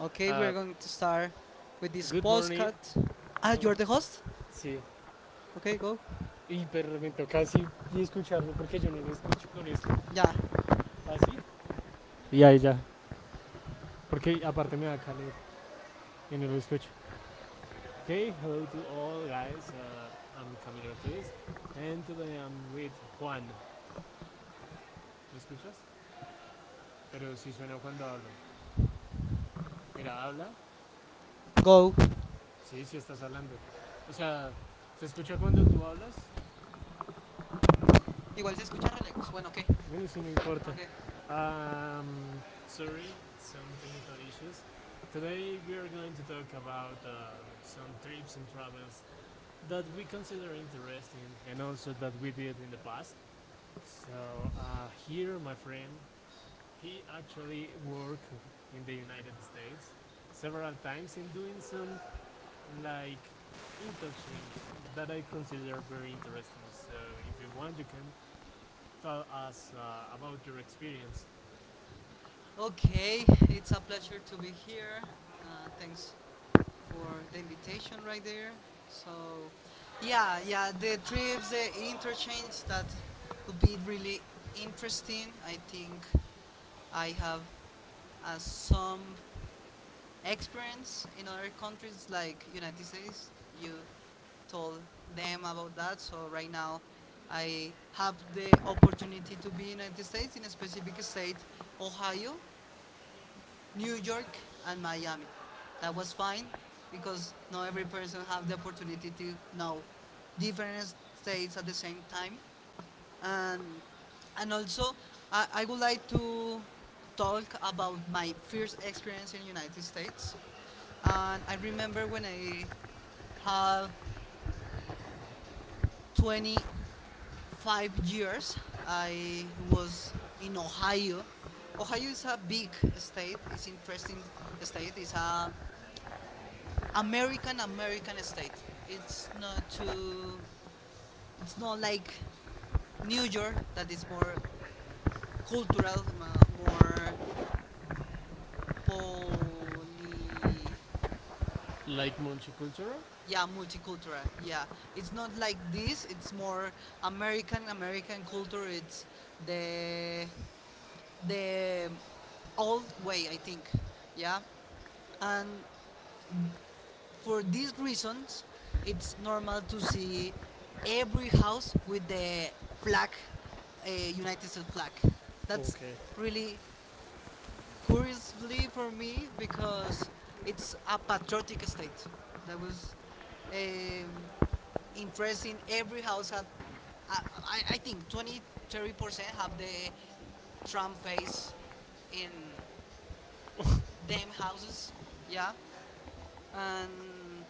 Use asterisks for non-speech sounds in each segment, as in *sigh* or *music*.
Okay, we're Ah, going to start with this good morning. podcast. Ah, No, you're the host? sí. Okay, go. Y pero me toca así y escucharlo porque yo no lo escucho con esto. Yeah. Así. Y ahí ya. Porque aparte me da calor y no lo escucho. Okay, hello to all guys. I'm Camilo Ortiz. And today I'm with Juan. ¿Lo escuchas? Pero sí suena cuando hablo. Mira, habla. Go. Sí, sí estás hablando. O sea, se escucha cuando tú hablas. Igual se escucha re lejos. Bueno, ok. Bueno, sí, no importa. Ok. Um, sorry, some technical issues. Today Today we we are are going going to to talk talk about about some some trips trips and and travels travels that that we we consider consider interesting interesting and and also also that that we we did did in in the the past. past. So So here here, my my friend, friend, he he actually actually worked worked in in the the United United States States several several times times in in doing things some like that I like consider interchange very that I interesting. consider very interesting. So So if if you you want want, to you can tell tell us us about about your your experience. experience. Okay, it's a pleasure to be here. Uh, Thanks for the invitation right there. So, yeah, the trips, the interchange, that would be really interesting. I think I have some experience in other countries like United States. You told them about that. So right now, I have the opportunity to be in United States in a specific state, Ohio. New York and Miami. That was fine because not every person have the opportunity to know different states at the same time. And and also I would like to talk about my first experience in the United States. And I remember when I had 25 years, I was in Ohio. Ohio is a big state. It's an interesting state. It's a American American state. It's not too. It's not like New York that is more cultural, more poly. Like multicultural? Yeah, multicultural. Yeah, it's not like this. It's more American American culture. It's the the old way, I think. Yeah, and for these reasons, it's normal to see every house with the flag, United States flag. That's Okay. really curiously for me because it's a patriotic state. That was um, interesting. Every house had, I think, 20, 30% have the Trump face in them houses. Yeah. And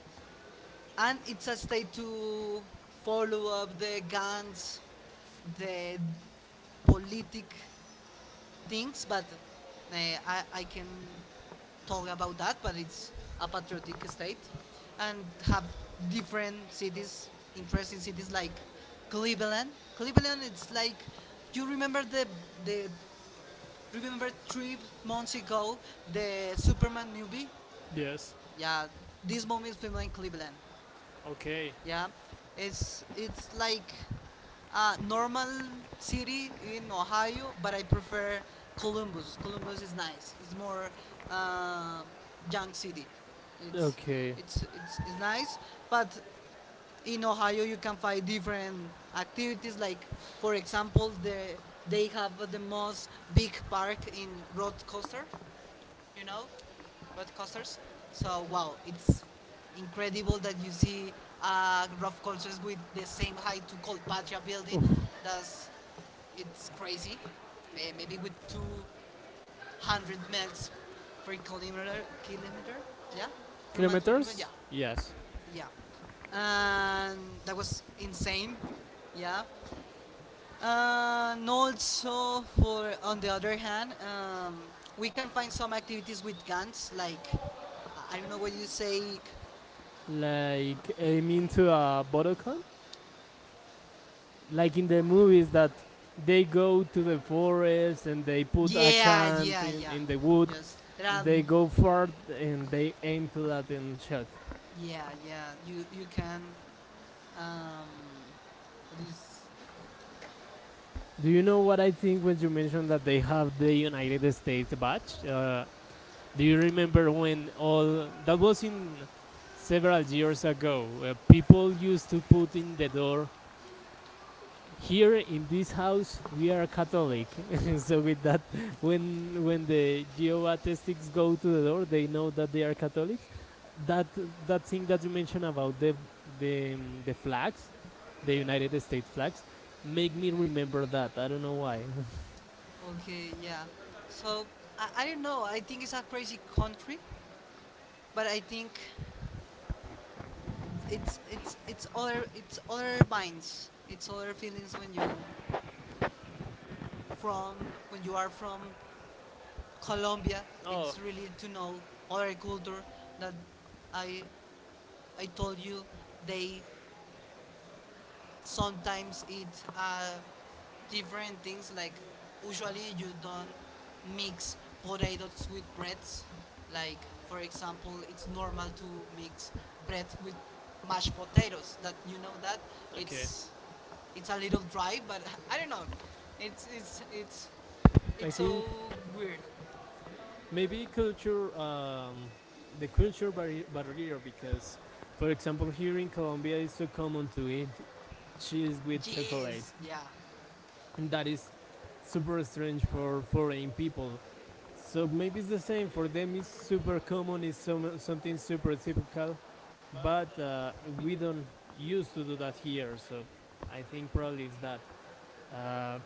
and it's a state to follow up the guns, the politic things, but uh, I can talk about that, but it's a patriotic state and have different cities, interesting cities like Cleveland. Cleveland, it's like, do you remember the remember 3 months ago, the Superman movie? Yes. Yeah, this movie is filmed in Cleveland. Okay. Yeah, it's like a normal city in Ohio, but I prefer Columbus. Columbus is nice. It's more um, young city. It's Okay. it's nice, but in Ohio you can find different activities. Like for example, they have the most big park in roller coaster you know, roller coasters. So wow, it's incredible that you see rough coasters with the same height to Colpatria building. That's it's crazy. Eh, maybe with 200 miles per kilometer, kilometer, yeah, per miles per kilometer, Kilometers? yeah, Yes. yeah. And that was insane, yeah. And also, for on the other hand, we can find some activities with guns, like I don't know what you say. Like aiming to a bottle con? Like Like in in the the movies movies that that they they go go to to the the forest forest and and they they put put, yeah, a yeah, can yeah, yeah. in the wood, Yes, there are. They they go go far far and and they they aim aim to for a that little and shot. shelter. Yeah, yeah. You can. Um, this. Do you You know know what what I I think think when you mentioned that when you mentioned they have the United the name States is badge? bachelor Do you remember when all that was in several years ago, people used to put in the door, here in this house we are catholic. *laughs* *laughs* so So with that, when the geoatheists go to the door they know that they are catholics, that that thing that you mentioned about the flags, the United States flags, make me remember that, I don't know why. *laughs* okay, yeah. So I don't know. I think it's a crazy country but I think it's other minds, it's other feelings when you from when you are from Colombia. Oh, It's really to know other culture that I I told you they sometimes it uh, different things. Like usually you don't mix potatoes with breads. Like for example, it's normal to mix bread with mashed potatoes. That you know that okay. it's it's a little dry, but *laughs* I don't know. It's it's it's I it's think so weird maybe culture, uh, the culture barrier, because for example here in Colombia it's so common to eat cheese with chocolate. yes, yeah. And that is super strange for foreign people. So maybe it's the So same for them. It's super common. It's so some, something super typical, but uh, we don't used to do So I think that here. So I think probably it's that. Uh,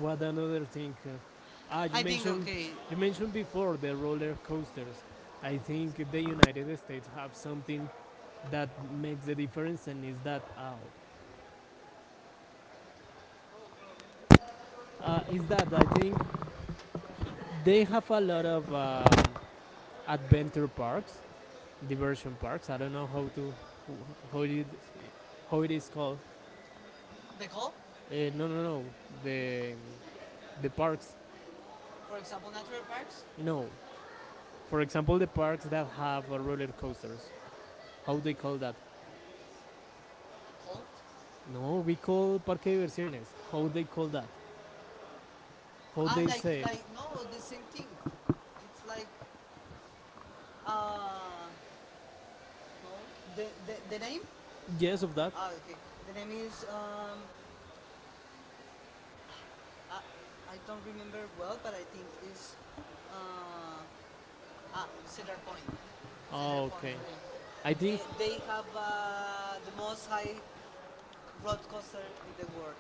what another thing? Ah, you mentioned, okay. Before the roller coasters. I think the United States have something that makes the difference, and is that out. Is that I think they have a lot of adventure parks, diversion parks. I don't know how to, how it, how it is called. The goal? Yeah, no, No, no, no, no. no. The the The parks. parks. For example, natural parks? No. No. For For example, example, the the parks parks that that that have have the roller roller coasters. coaster. How How they they call call that? that? Cold? No. No, We we call call parque parque de de diversiones. diversiones. How How they they call call that? that? How How ah, they say? like, no, the same thing. It's like, uh, no, the, the name? Yes, Yes, of no. that. Ah, okay. The name is, I, I don't remember well, but I think is, uh, ah, Cedar Point. Cedar Oh, Point okay. is the name. I I eh, think did they have the most high roller coaster in the world.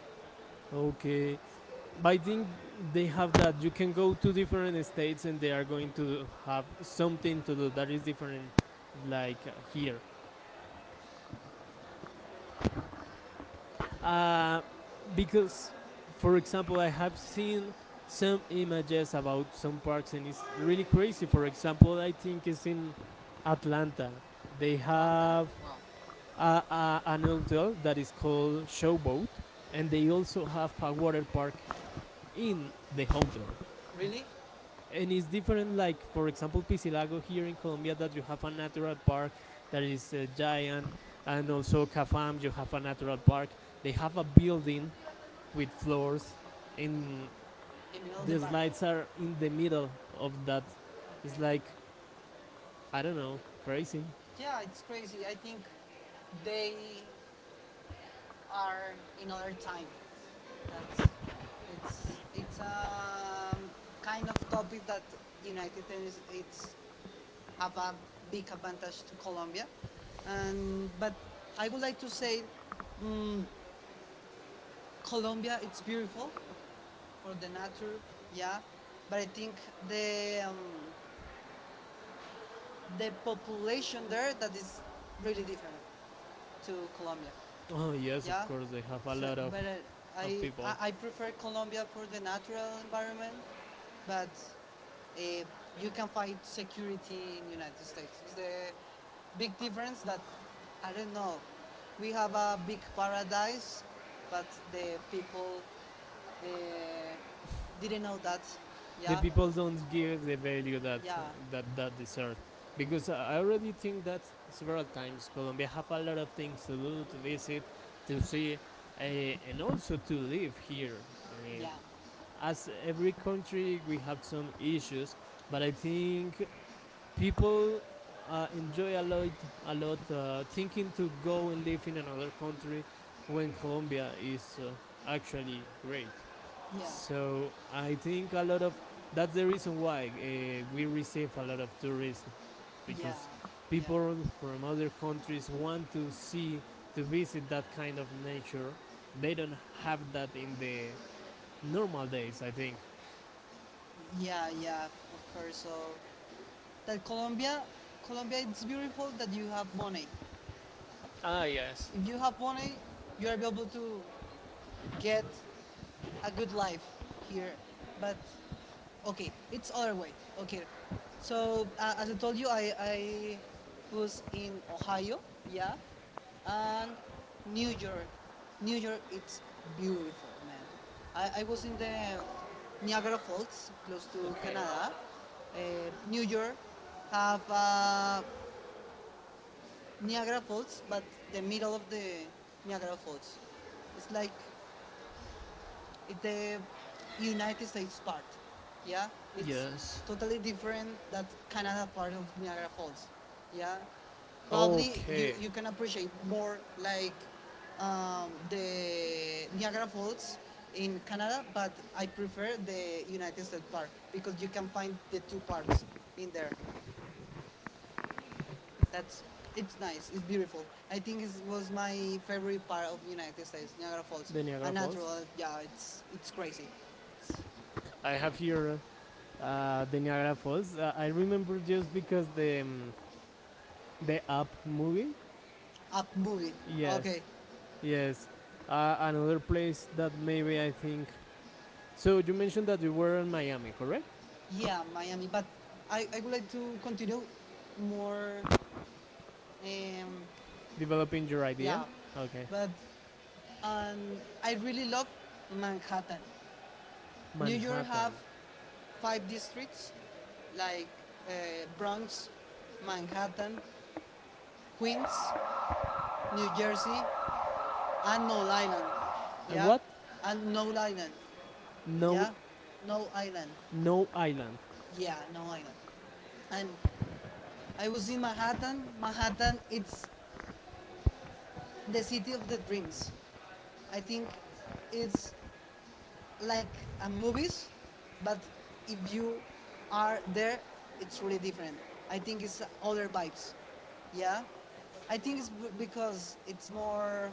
Okay. okay. But I I think think they they have have that that. you You can can go go to to different different states states and and they they are are going going to to have have something something to to do do that that is is different, different, like like here. here. Uh, Uh, because, because, for for example, example, I I have have seen seen some some images images about about some some parks parks and and it's really really crazy. crazy. For For example, example, I I think think it's it's in in Atlanta. Atlanta. They They have Atlanta? have Wow. a, a, a, a, an an hotel hotel that that is is called called Showboat, Showboat, and and they they also also have have a a water water park park in in the the hotel. hotel. Really? And And it's it's different, different, like, like for for example, example Pisilago Pisilago here here in in Colombia, Colombia, that that you you have have a a natural natural park park that that is is giant, giant, and and also also have a Cafam you have Yokuta a natural Natural Park. park, they They have have a a building building with with floors, floors, and and in the middle of the the bar lights slides are are in in the the middle of middle that. of Okay. that, It's it's okay. Like, like, I I don't don't know, know, crazy. crazy. Yeah, it's crazy. I think they are in other time. That's it's a kind of topic that United States it's have a big advantage to Colombia. And, but I would like to say mm, Colombia, it's beautiful for the nature, yeah. But I think the, um, the population there that is really different to Colombia, Oh yes, of yeah. course they have a So, lot but of I, people. I, I prefer Colombia for the natural environment, but eh, you can find security in United States. It's the big difference that I don't know. We have a big paradise, but the people uh, didn't know that. The Yeah, people don't give the value that, yeah, that deserve, because I already think that several times Colombia have a lot of things to do, to visit, to see, and also to live here, yeah, as every country we have some issues, but I think people enjoy a lot, thinking to go and live in another country when Colombia is actually great. yeah, So I think a lot of, that's the reason why we receive a lot of tourism, yeah, because yeah, people from other countries want to see, to visit that kind of nature. They don't have that in the normal days, I think. yeah, yeah. Of course. So that Colombia, Colombia, it's beautiful that you have money. Ah, yes. If you have money, you are able to get a good life here. But okay, it's other way. Okay, so as I told you, I was in Ohio, yeah, and New York. New York, it's beautiful, man. I was in the Niagara Falls, close to Okay. Canada. New York have Niagara Falls, but the middle of the Niagara Falls, it's like the United States part. Yeah, it's Yes. totally different that Canada part of Niagara Falls. Yeah, probably you Okay. you can appreciate more like the Niagara Falls in Canada, but I prefer the United States part because you can find the two parts in there. That's it's nice. It's beautiful. I think it was my favorite part of United States, Niagara Falls. The Niagara And Falls. natural, yeah, it's crazy. I have here the Niagara Falls. I remember just because the Up movie. Up movie. Ah, Yes, okay. yes. Another place that maybe I think. So you mentioned that you were in Miami, correct? Yeah, Miami. But I would like to continue more. Um, Developing your yeah. idea. Okay, But um, I really love Manhattan. New York have Manhattan. five districts like uh, Bronx, Manhattan, Queens, New Jersey, and No Island. And Yeah. what? And No Island. No, Yeah. No Island. no island. Yeah, No Island. And I was in Manhattan. Manhattan, it's the City of the Dreams. I think it's like a movies, but if you are there, it's really different. I think it's other vibes. Yeah, I think it's because it's more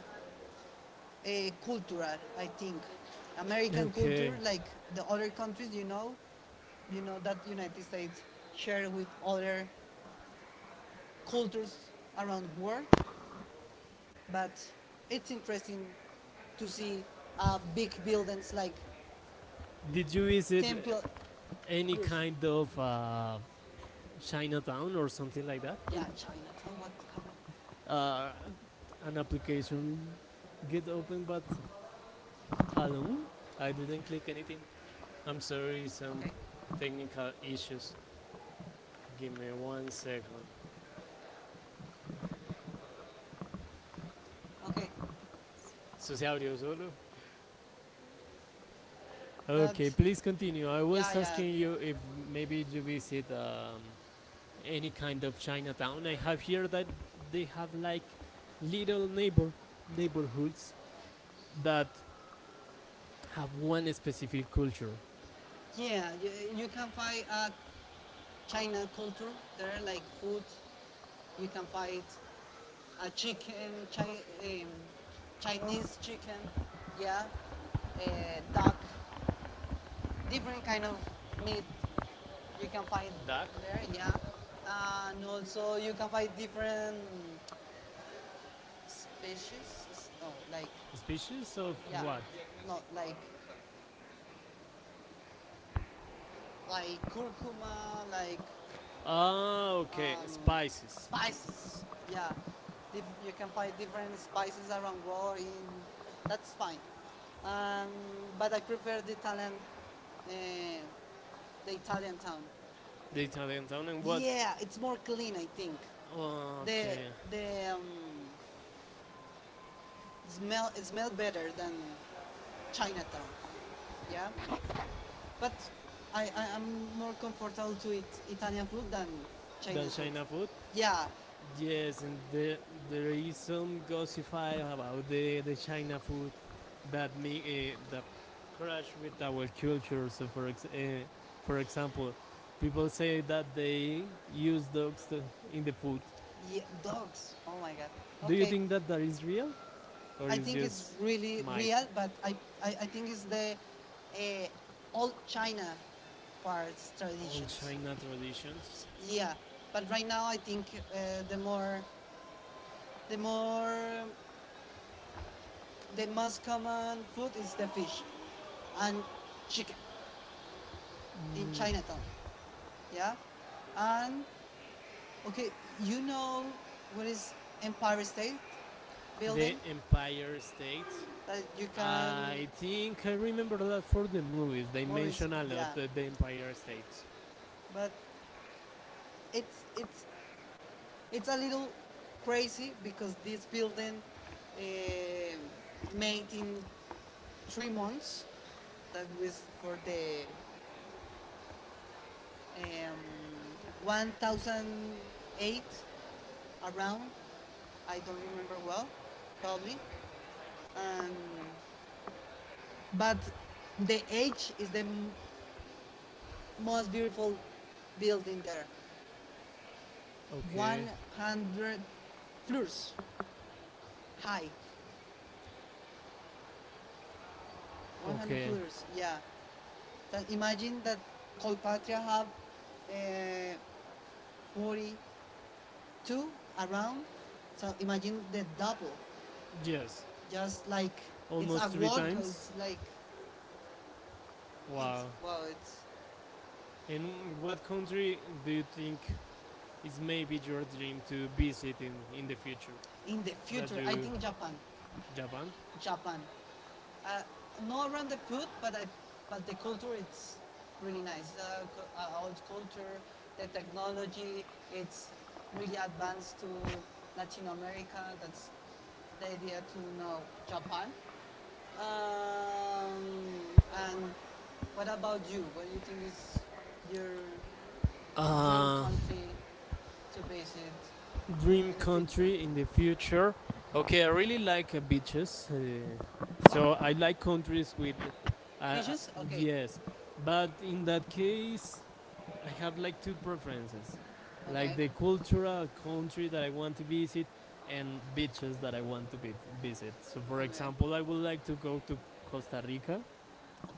uh, Uh, cultural. I think America, American okay, culture, like the culture. other countries, you know that United States share with other cultures around world, but it's interesting to see big buildings like Did you visit Temple, any yours. kind of Chinatown Chinatown or or something something like like that? that. Yeah, Chinatown. What happened? uh, an application get open, but alone. I didn't click anything. I'm sorry, some Okay. technical issues. Give me one second. Okay, Susi audio solo. that, Okay, please continue. I yeah, was, yeah, yeah, asking, yeah, you if maybe you visit any any kind kind of of Chinatown Chinatown. I I have have here, heard but that they they have have like like little little neighbor, neighbor neighborhoods, neighborhoods that have one one specific specific culture. culture. Yeah, you can find a China culture there, like food. You can find a chicken, um, Chinese chicken, yeah, uh, duck, different kind of meat you can find Duck? there, yeah. And also you can find different species, no, like, Species of, yeah, not like, like curcuma, like ah, okay, um, spices. spices, yeah. You can find different spices around world in, that's fine. Um, but I prefer uh, the Italian town. The Italian town and Yeah, it's more clean, I think. think. Oh, The, the, um, smell it smelled better than Chinatown. Yeah, but I'm more comfortable to eat Italian food than Chinese food. China food? Yeah, Yes, and there is some gossify about the China food that me, that crash with our culture. So for example, people say that they use dogs to, in the food. yeah dogs. Oh my god. Do you Okay. think that that is real or I is think it's just really might, real, but I, I think it's the uh, old China parts all traditions. tradition. China traditions? Yeah, but right now I think uh, the more the more the most common food is the fish and chicken in Chinatown. Yeah, and okay, you know what is Empire State The Building Empire State. that you can I think I remember that for the movies. They movies. mention a Yeah, lot the Empire State. but it's it's It's a little crazy because this building uh, made in 3 months. That was for the um, 1008 around. I don't remember well, probably. And but the H is the most beautiful building there. Okay. 100 floors high. 100 Okay. floors. Yeah. That imagine that Colpatria have uh, 42 around. So imagine the double, Yes. just like it's Almost a three walk. times. It's like it's Wow. wow. It's And in what what country country do do you you think think it's is maybe maybe your like dream to to visit visit in the future? in the That future? In the future. I you think Japan, Japan. Japan. uh, Not around the food, but I, but the culture it's really nice. Old culture, the technology, it's really advanced to Latin America. That's the idea to know Japan. Um, and what about you? What do you think is your dream Uh, country to visit dream in the future? In the future? country in the future. Okay, Okay, I I really really like like the beaches, beaches. What? so I like countries with. Uh, Dishes? Okay. Yes, but in that case, I have like two preferences, Okay. like Okay. okay, the cultural country that I want to visit and beaches that I want to visit. So, for example, I would like to go to Costa Rica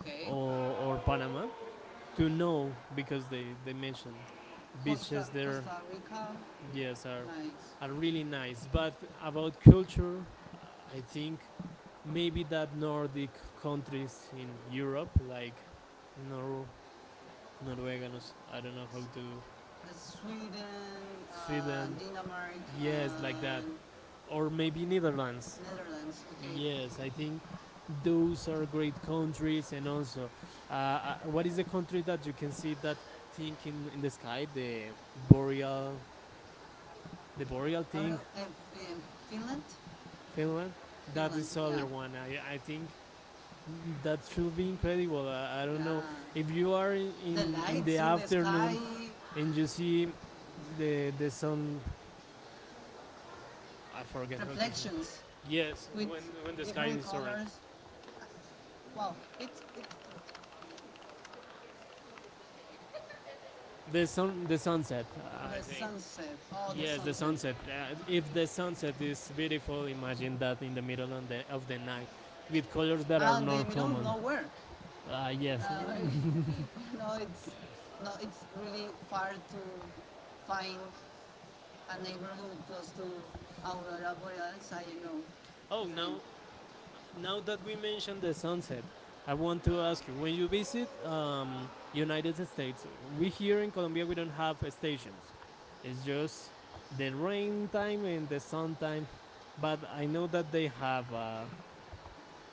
Okay. or, or Panama to know because they mentioned Costa beaches there, Costa Rica. yes are Nice. are really nice, but about culture I think maybe that nordic countries in Europe like Nor- norwegians, I don't know how to. Sweden, Sweden. Denmark, Yes, like that, or or maybe maybe Netherlands. Netherlands. Netherlands. Okay, Okay. Yes, yes, I think those are great countries, and also what is the uh, country that you can see that thing in the sky, the boreal, the boreal thing, uh, Finland? Finland? Finland. That So, is yeah. other one. I think that should be incredible. I don't know if you Yeah. are The in, the lights in the sky. afternoon and you see the sun. I forget how to. Say. Reflections Yes, with when the sky different is orange, colors. Wow, it's the sun the sunset. I the think. sunset. Oh, the Yes, the sunset. The sunset. If the sunset sunset is is beautiful. beautiful, imagine Imagine that in the middle of the night with colors that are that. And the not middle of common. Do, nowhere. Yes. Uh, *laughs* it's no, it's really far to find a neighborhood close to Aurora Borealis. I know *laughs* Oh, his now. name. Now that we mentioned the sunset, I want to ask you: when you um, visit United States, we here in Colombia we don't have stations. It's just the rain time and the sun time. But I know that uh,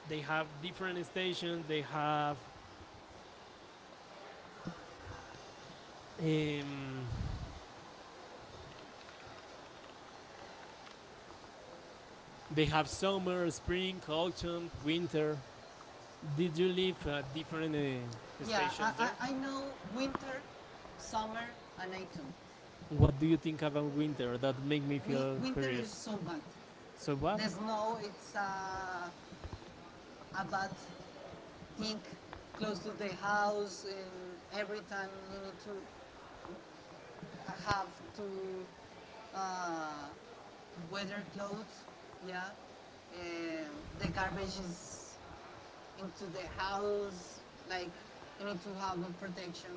they have different stations. Um, they have summer, spring, autumn, winter. Did you live at different uh, yeah, Yeah, stations I, there? I, I know winter, summer, and autumn. What do you think about winter? That make me Win- feel winter is so bad. so bad. So what? There's no, it's a bad thing close to the house, and every time you need to have to uh, weather clothes, yeah. And the garbage is into the house. Like you need to have a protection.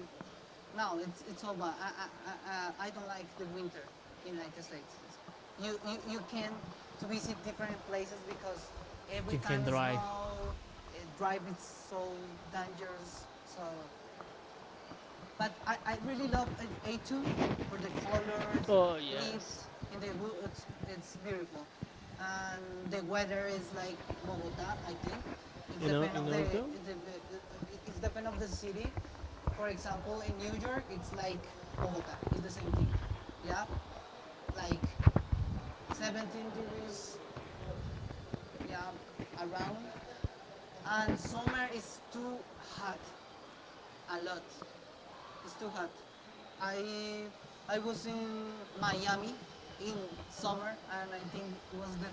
No, it's all bad. I don't like the winter in the United States. You can to visit different places because every time it's snow, drive is so dangerous. So but I really love for the colors, leaves in the woods. It's beautiful. And the weather is like Bogota, I think. It's depend You of know the, though. the it's depend of the *laughs* city. For example, in New York, it's like Bogota. It's the same thing. Yeah, like 17 degrees. Yeah, around. And summer is too hot, a lot. It's too hot. I I was in Miami in summer, and I think it was the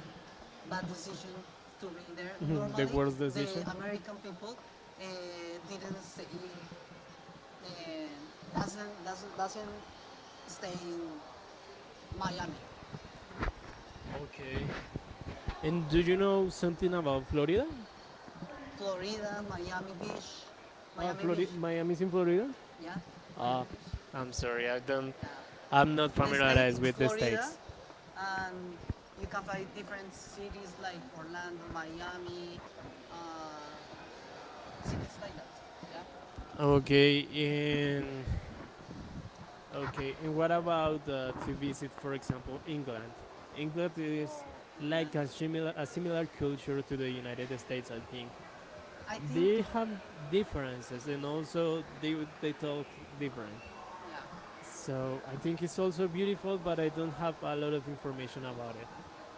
bad decision to be there. Mhm, Normally, worst the decision. American people didn't stay, uh, doesn't stay in Miami. Okay. And Do do you you know know something something about about Florida? Florida? Florida, Miami Beach, Miami Florida, Beach. Miami's Miami's in in Florida. Florida? Yeah, Miami Uh, Beach. I'm sorry, I don't, Yeah, I'm not the state familiarized it's with the Florida, states. and you can find different cities like Orlando, Miami, uh, cities like that. Yeah. Okay, Okay, in okay. okay, and what What about about to the visit, visit, for for example, example, England? England? England England is oh, is like like England, a a, similar, similar a a similar similar culture culture to to the the United United States States, I and think. England, I think They have France, differences, and and also they talk different. yeah. So I Think think it's it's also also beautiful, beautiful, but but I they don't don't have have a a lot lot of of information about it.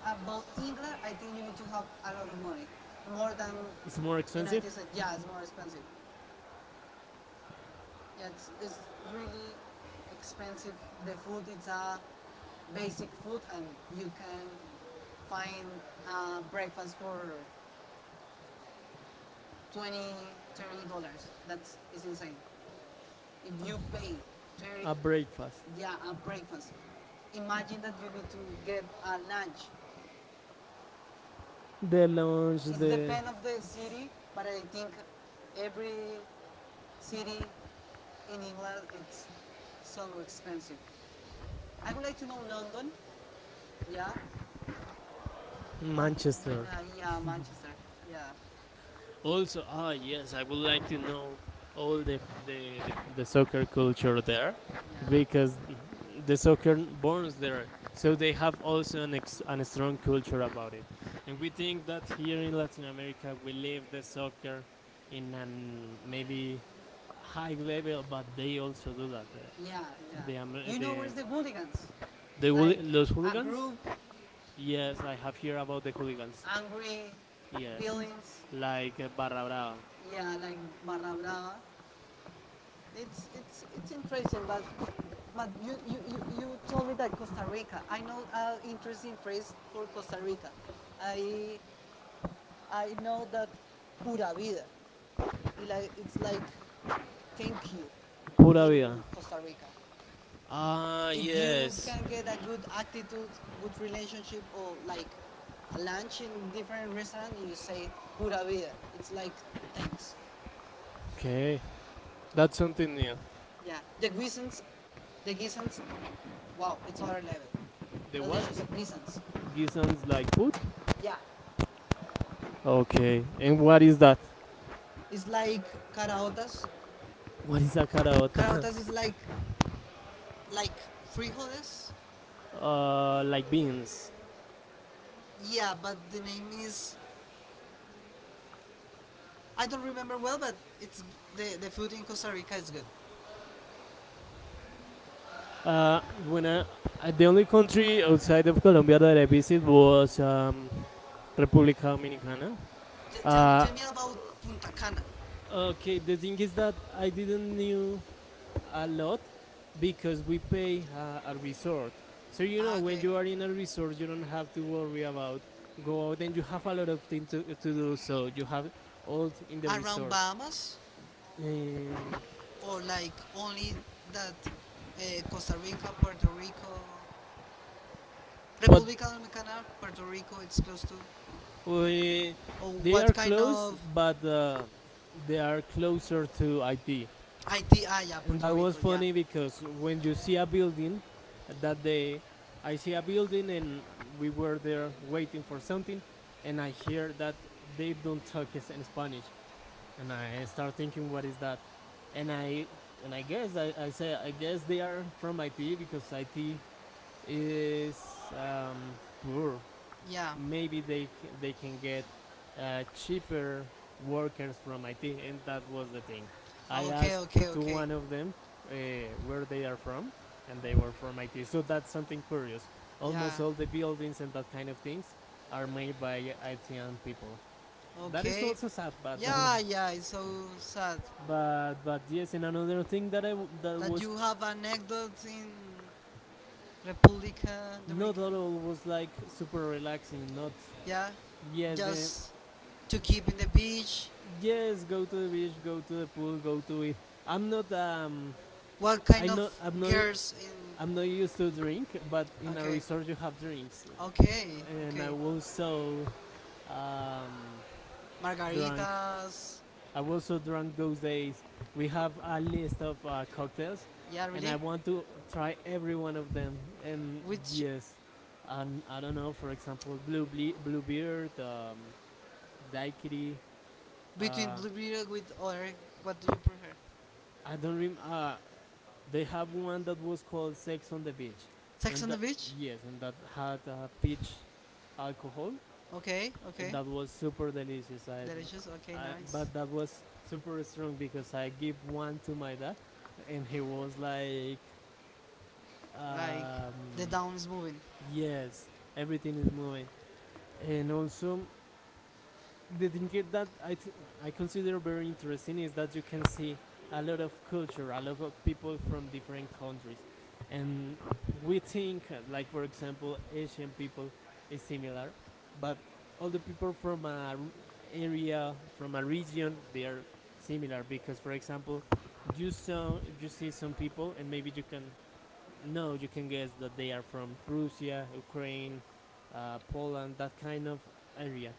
about England, I think you need to have a lot of money, more than It's more expensive. United States. Yeah, it's more expensive. Yeah, it's really expensive. The food, it's a basic food, and you can find breakfast for 20, $30. That's is insane. If you pay 30, A is breakfast, yeah, a breakfast. Imagine that you need to get a lunch. the lunch, It the depends of the city, but I think every city in England it's so expensive. I would like to know London, yeah, but Manchester. Right Manchester. now, yeah, Manchester, yeah. Also, Also, ah yes, yes, I I would would like like to to know know all all the, the, the, the, the, the the soccer circumstances. culture there, Yeah. because the soccer So borns there, so they have so also an an strong culture about it, and we think that here in Latin America we live the soccer in an maybe high level, but they also do that. There. yeah, The, yeah. You know where's the hooligans? the, Like los a a hooligans. group Yes, I with have heard about the hooligans. angry Yes, feelings. like Barra Brava. Yeah, like Barra Brava. It's interesting, but you told me that Costa Rica. I know an interesting phrase for Costa Rica. I I know that pura vida. It like, it's like thank you Pura vida. in Costa Rica. Ah, If you yes. can You get a yes. good attitude, good relationship, or like a lunch in different restaurant, you say pura vida. It's like thanks. Okay, that's something new. Yeah, the reasons. Wow, it's other level. The what? Delicious, nisans. Gisons like food? Yeah, Okay, and what is that? it's like caraotas. What is a caraota? *laughs* Caraotas is like frijoles. Like, *laughs* like beans. Yeah, but the name is I don't remember well, but it's the food in Costa Rica is good. Uh, when I, the only country outside of Colombia that I visited was República Dominicana. Tell me about Punta Cana. Okay, the thing is that I didn't knew a lot because we pay a resort. So you Ah, know, when okay, you are in a resort, you don't have to worry about go out, and you have a lot of things to do. So you have all in the around resort. Bahamas Um, or like only that Costa Rica, Puerto Rico, What- República Dominicana, Puerto Rico. It's close to. We, Or they what are kind close, of? but they are closer to IT. IT, IT. Ah, yeah, And Puerto that was Rico. Yeah, funny because when you see a building, that day I see a building and we were there waiting for something, and I hear that they don't talk in Spanish, and I start thinking what is that, and I guess I say I guess they are from IT because IT is um, poor. Yeah. yeah. Maybe they they can get cheaper workers from IT, and that was the thing. I, Ah, okay, okay, asked okay, to, okay, okay. one of them uh, where they are from, and they were from IT. So that's something curious. Almost Yeah, all the buildings and that kind of things are made by ITian people. That is okay. also sad, but Yeah, yeah, *laughs* it's so sad but yes, and another thing that that that was you have anecdotes in Republica not Dominican. all was like super relaxing. Not Yeah, yes, then just to keep in the beach. yes, go to the beach, go to the pool, go to it. I'm not, What I kind of know of, I'm not, girls in? Used to drink, but in a Okay, resort you have drinks, okay, and I okay. was so um, drunk. Margaritas. I was so drunk those days. We have a list of cocktails, Yeah, and really? I want to try every one of them. And Which? yes, and I don't know. For example, blue, bluebeard, daiquiri. Between Uh, Blue beer with other, what do you prefer? I don't remember. They have one that was called Sex on the Beach, Sex Sex and on on the that, the that beach. Beach? Yes, and that had peach alcohol. Okay, And okay. that was super delicious. I, Delicious, okay, I nice. but that was super strong because I give one to my dad, and he was like, Like, um, the down is moving. yes, everything is moving, and also the thing is that I consider very interesting is that you can see a lot of culture, a lot of people from different countries, and we You think like for example Asian people is similar, but all the people from a area from a region they are similar because for example you see some people and maybe you can, no, you can guess that they are from Russia, Ukraine, Poland, that kind of area.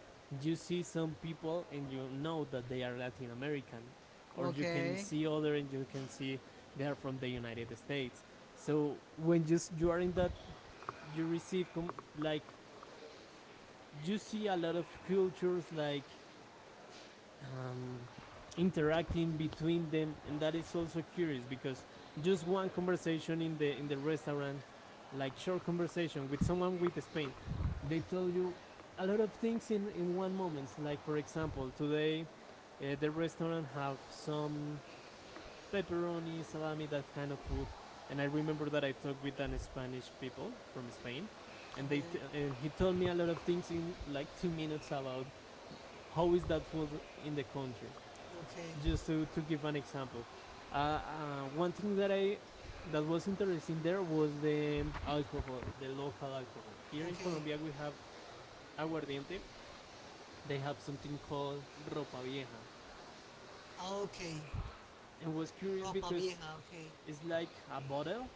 You see see some some people people and and you you know know that that they they are are Latin Latin American, or American. you can Okay. see other and you can see they are from the United States. So when you are in that, you receive like you see a lot of cultures like um, interacting between them, and that is also curious because just one conversation in the restaurant, like short conversation with someone with Spain, they tell you a lot of things in one moment. Like for Example, example, today today the the restaurant restaurant have have some some pepperoni, pepperoni, salami, salami, that that kind kind of of thing. food. And And I I remember remember that that I I talked talked with with an an Spanish Spanish people people from from Spain. Spain, And and they, and he he told told me me a a lot lot of of things things in in like like two two minutes minutes about about how how is is that that food food in in the the country country. Okay. just Just to to give give an an example, example. Uh, uh, uh, one one thing thing that I that that was was interesting interesting there there was was the the alcohol, alcohol, the the local local alcohol. alcohol. Here Here in in okay. Colombia Colombia we we have have aguardiente. aguardiente. They They have have something something called called ropa ropa vieja. vieja. Okay And was curious ropa because vieja, okay. it's like a bottle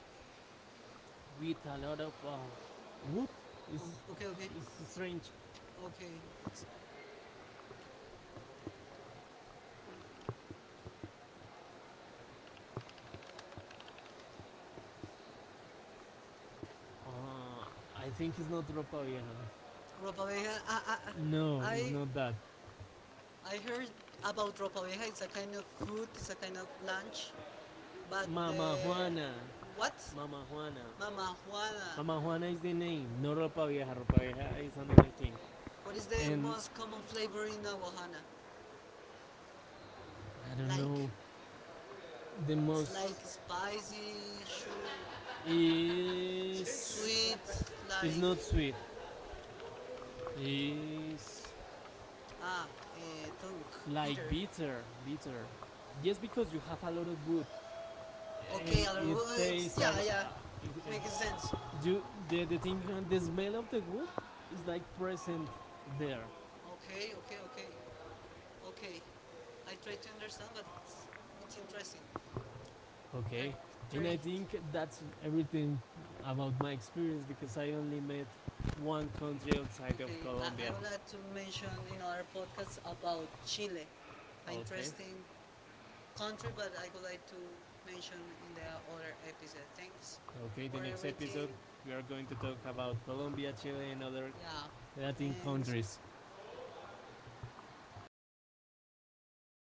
with a lot of wood. It's, Mm, okay, okay. it's strange. Okay. Uh, I think it's not ropa vieja. Ropa vieja, No, it's I, not that. I heard about ropa vieja. It's a kind of food, it's a kind of lunch, but the Mama Juana, what? Mama Juana. Mama Juana. Mama Juana is the name, no, Ropa Vieja. Ropa Vieja is another thing. What is the And most common flavor in Aguajana? I don't know, Like the it's most like spicy, is sweet, is like not sweet. Is ah, tongue, like Peter. bitter, bitter. Yes, Just because because you you have have a a lot lot of of wood wood. and Okay, a lot of it well, it's tastes yeah, of, yeah, it, makes sense. it, you, the thing, The the smell smell of of the the wood wood is is like like present present there. there. Okay, okay, okay, okay. I try to understand, but it's interesting. I Okay, and try. I I think think that's that's everything everything about about my my experience experience because because I I only only met met one one country project. outside of Okay, I Colombia. would like to mention in our podcast about Chile. Okay, Interesting country, but I would like to mention in the other episode. Thanks okay, the for next episode everything. we are going to talk about Colombia, Chile, and other Yeah, yeah, Latin thanks. countries. Stay